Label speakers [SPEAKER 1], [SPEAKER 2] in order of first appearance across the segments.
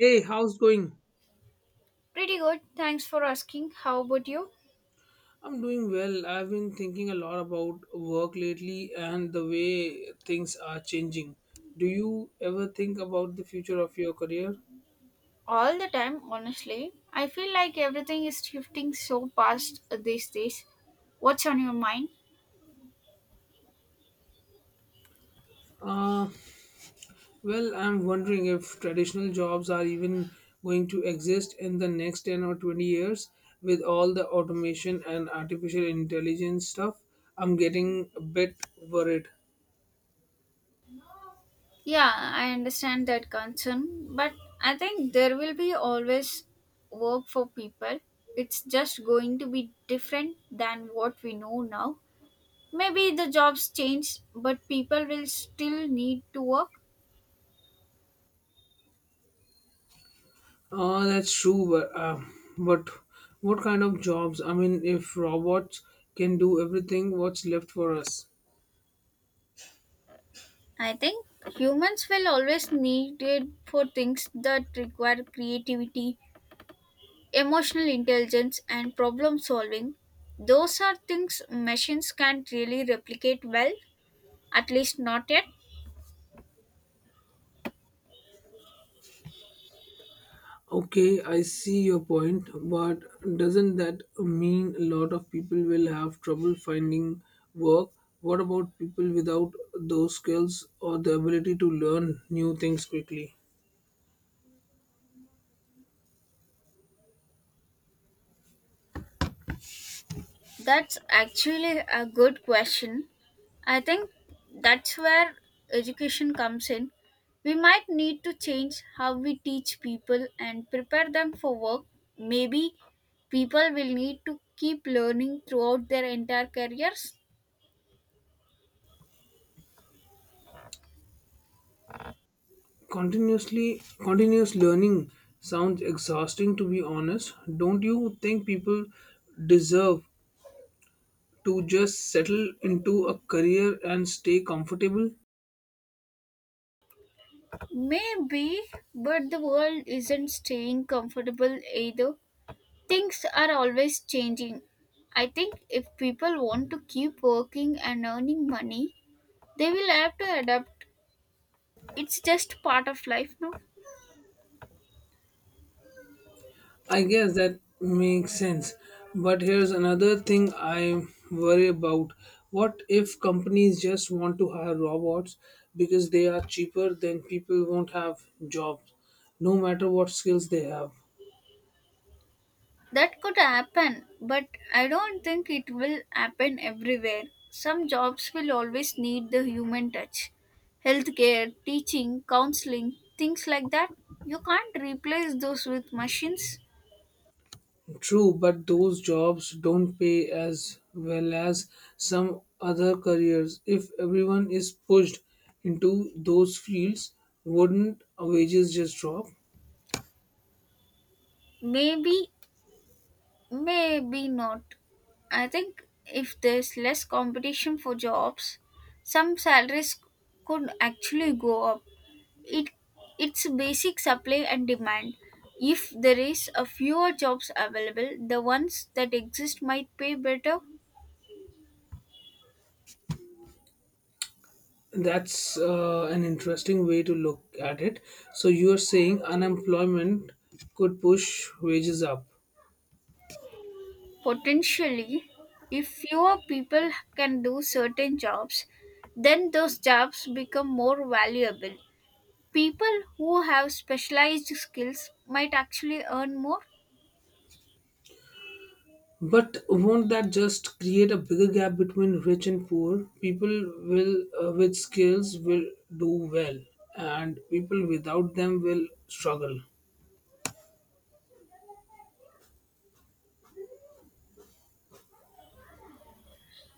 [SPEAKER 1] Hey, how's going?
[SPEAKER 2] Pretty good. Thanks for asking. How about you?
[SPEAKER 1] I'm doing well. I've been thinking a lot about work lately and the way things are changing. Do you ever think about the future of your career?
[SPEAKER 2] All the time, honestly. I feel like everything is shifting so fast these days. What's on your mind?
[SPEAKER 1] Uh, well, I'm wondering if traditional jobs are even going to exist in the next 10 or 20 years with all the automation and artificial intelligence stuff. I'm getting a bit worried.
[SPEAKER 2] Yeah, I understand that concern, but I think there will be always work for people. It's just going to be different than what we know now. Maybe the jobs change, but people will still need to work.
[SPEAKER 1] Oh, that's true. But what kind of jobs? I mean, if robots can do everything, what's left for us?
[SPEAKER 2] I think humans will always need it for things that require creativity, emotional intelligence, and problem solving. Those are things machines can't really replicate well, at least not yet.
[SPEAKER 1] Okay, I see your point, but doesn't that mean a lot of people will have trouble finding work? What about people without those skills or the ability to learn new things quickly?
[SPEAKER 2] That's actually a good question. I think that's where education comes in. We might need to change how we teach people and prepare them for work. Maybe people will need to keep learning throughout their entire careers.
[SPEAKER 1] Continuously, continuous learning sounds exhausting to be honest. Don't you think people deserve to just settle into a career and stay comfortable?
[SPEAKER 2] Maybe, but the world isn't staying comfortable either. Things are always changing. I think if people want to keep working and earning money, they will have to adapt. It's just part of life now.
[SPEAKER 1] I guess that makes sense. But here's another thing I worry about. What if companies just want to hire robots because they are cheaper, then people won't have jobs, no matter what skills they have?
[SPEAKER 2] That could happen, but I don't think it will happen everywhere. Some jobs will always need the human touch. Healthcare, teaching, counseling, things like that. You can't replace those with machines.
[SPEAKER 1] True, but those jobs don't pay as well as some other careers. If everyone is pushed into those fields, wouldn't wages just drop?
[SPEAKER 2] Maybe. Maybe not. I think if there's less competition for jobs, some salaries could actually go up. It it's basic supply and demand. If there is a fewer jobs available, the ones that exist might pay better,
[SPEAKER 1] That's an interesting way to look at it. So you are saying unemployment could push wages up.
[SPEAKER 2] potentially. If fewer people can do certain jobs, then those jobs become more valuable. People who have specialized skills might actually earn more.
[SPEAKER 1] But won't that just create a bigger gap between rich and poor? People will with skills will do well and people without them will struggle.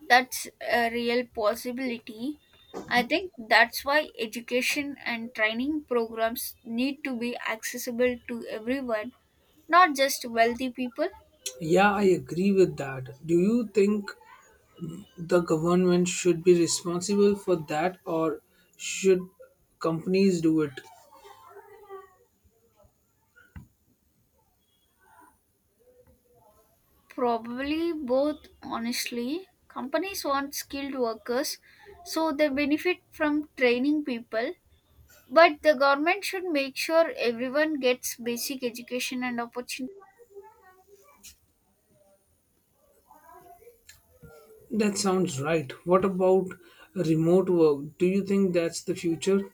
[SPEAKER 2] That's a real possibility. I think that's why education and training programs need to be accessible to everyone, not just wealthy people.
[SPEAKER 1] Yeah, I agree with that. Do you think the government should be responsible for that or should companies do it?
[SPEAKER 2] Probably both, honestly. Companies want skilled workers, so they benefit from training people. But the government should make sure everyone gets basic education and opportunities.
[SPEAKER 1] That sounds right. What about remote work? Do you think that's the future?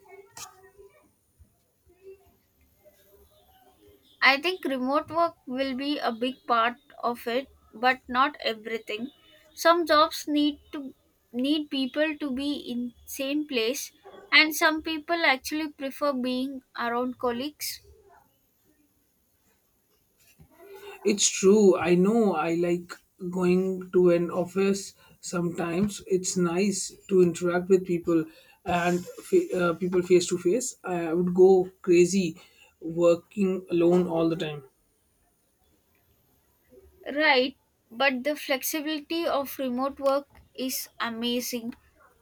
[SPEAKER 2] I think remote work will be a big part of it, but not everything. Some jobs need people to be in same place, and some people actually prefer being around colleagues.
[SPEAKER 1] It's true. I know I like going to an office sometimes. It's nice to interact with people and people face to face. I would go crazy working alone all the time.
[SPEAKER 2] Right, but the flexibility of remote work is amazing.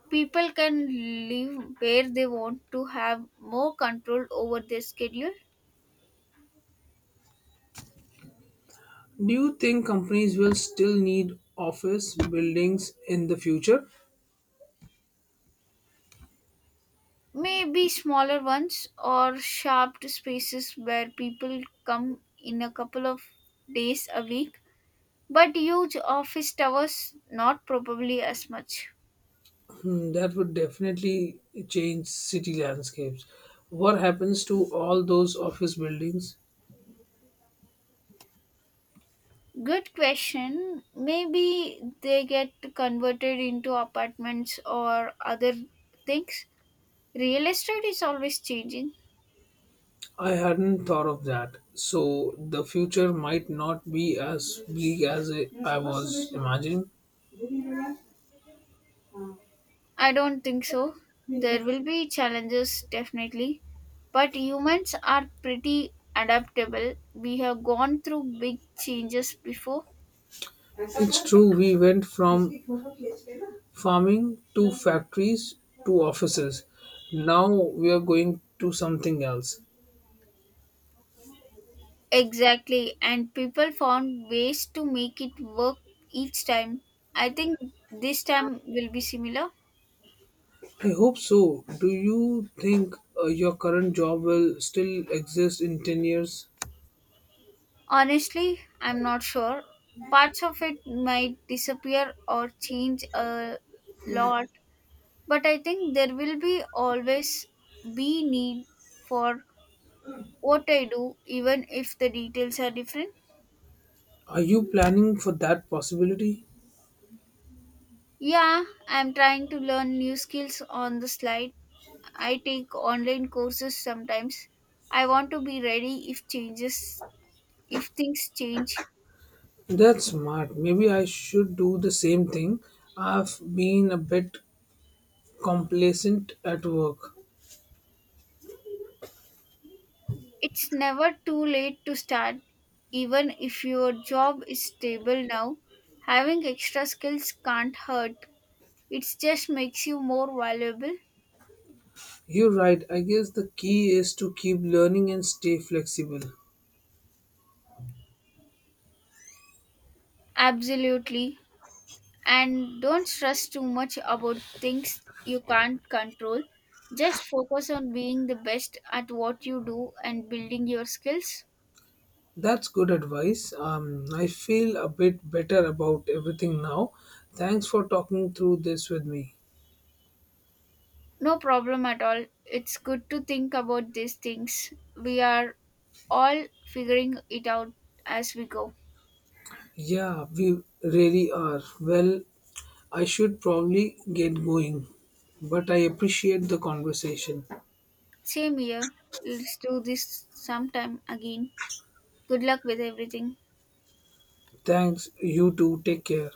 [SPEAKER 2] People can live where they want to have more control over their schedule.
[SPEAKER 1] Do you think companies will still need office buildings in the future?
[SPEAKER 2] Maybe smaller ones or sharp spaces where people come in a couple of days a week, but huge office towers, not probably as much.
[SPEAKER 1] Hmm, that would definitely change city landscapes. What happens to all those office buildings?
[SPEAKER 2] Good question. Maybe they get converted into apartments or other things. Real estate is always changing.
[SPEAKER 1] I hadn't thought of that. So the future might not be as bleak as I was imagining.
[SPEAKER 2] I don't think so. There will be challenges, definitely. But humans are pretty adaptable. We have gone through big changes before.
[SPEAKER 1] It's true, we went from farming to factories to offices. Now we are going to something else.
[SPEAKER 2] Exactly. And people found ways to make it work each time. I think this time will be similar.
[SPEAKER 1] I hope so. Do you think your current job will still exist in 10 years?
[SPEAKER 2] Honestly, I'm not sure. Parts of it might disappear or change a lot. But I think there will be always be need for what I do, even if the details are different.
[SPEAKER 1] Are you planning for that possibility?
[SPEAKER 2] Yeah, I'm trying to learn new skills on the slide. I take online courses sometimes. I want to be ready if changes if things change.
[SPEAKER 1] That's smart. Maybe I should do the same thing. I've been a bit complacent at work.
[SPEAKER 2] It's never too late to start. Even if your job is stable now, having extra skills can't hurt. It just makes you more valuable.
[SPEAKER 1] You're right. I guess the key is to keep learning and stay flexible.
[SPEAKER 2] Absolutely. And don't stress too much about things you can't control. Just focus on being the best at what you do and building your skills.
[SPEAKER 1] That's good advice. I feel a bit better about everything now. Thanks for talking through this with me.
[SPEAKER 2] No problem at all. It's good to think about these things. We are all figuring it out as we go.
[SPEAKER 1] Yeah, we really are. Well, I should probably get going, but I appreciate the conversation.
[SPEAKER 2] Same here. Let's do this sometime again. Good luck with everything.
[SPEAKER 1] Thanks, you too. Take care.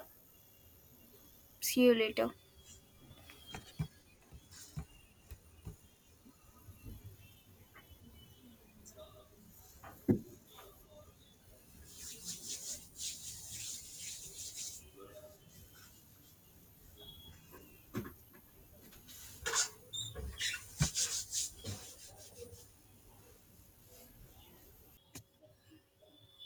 [SPEAKER 2] See you later.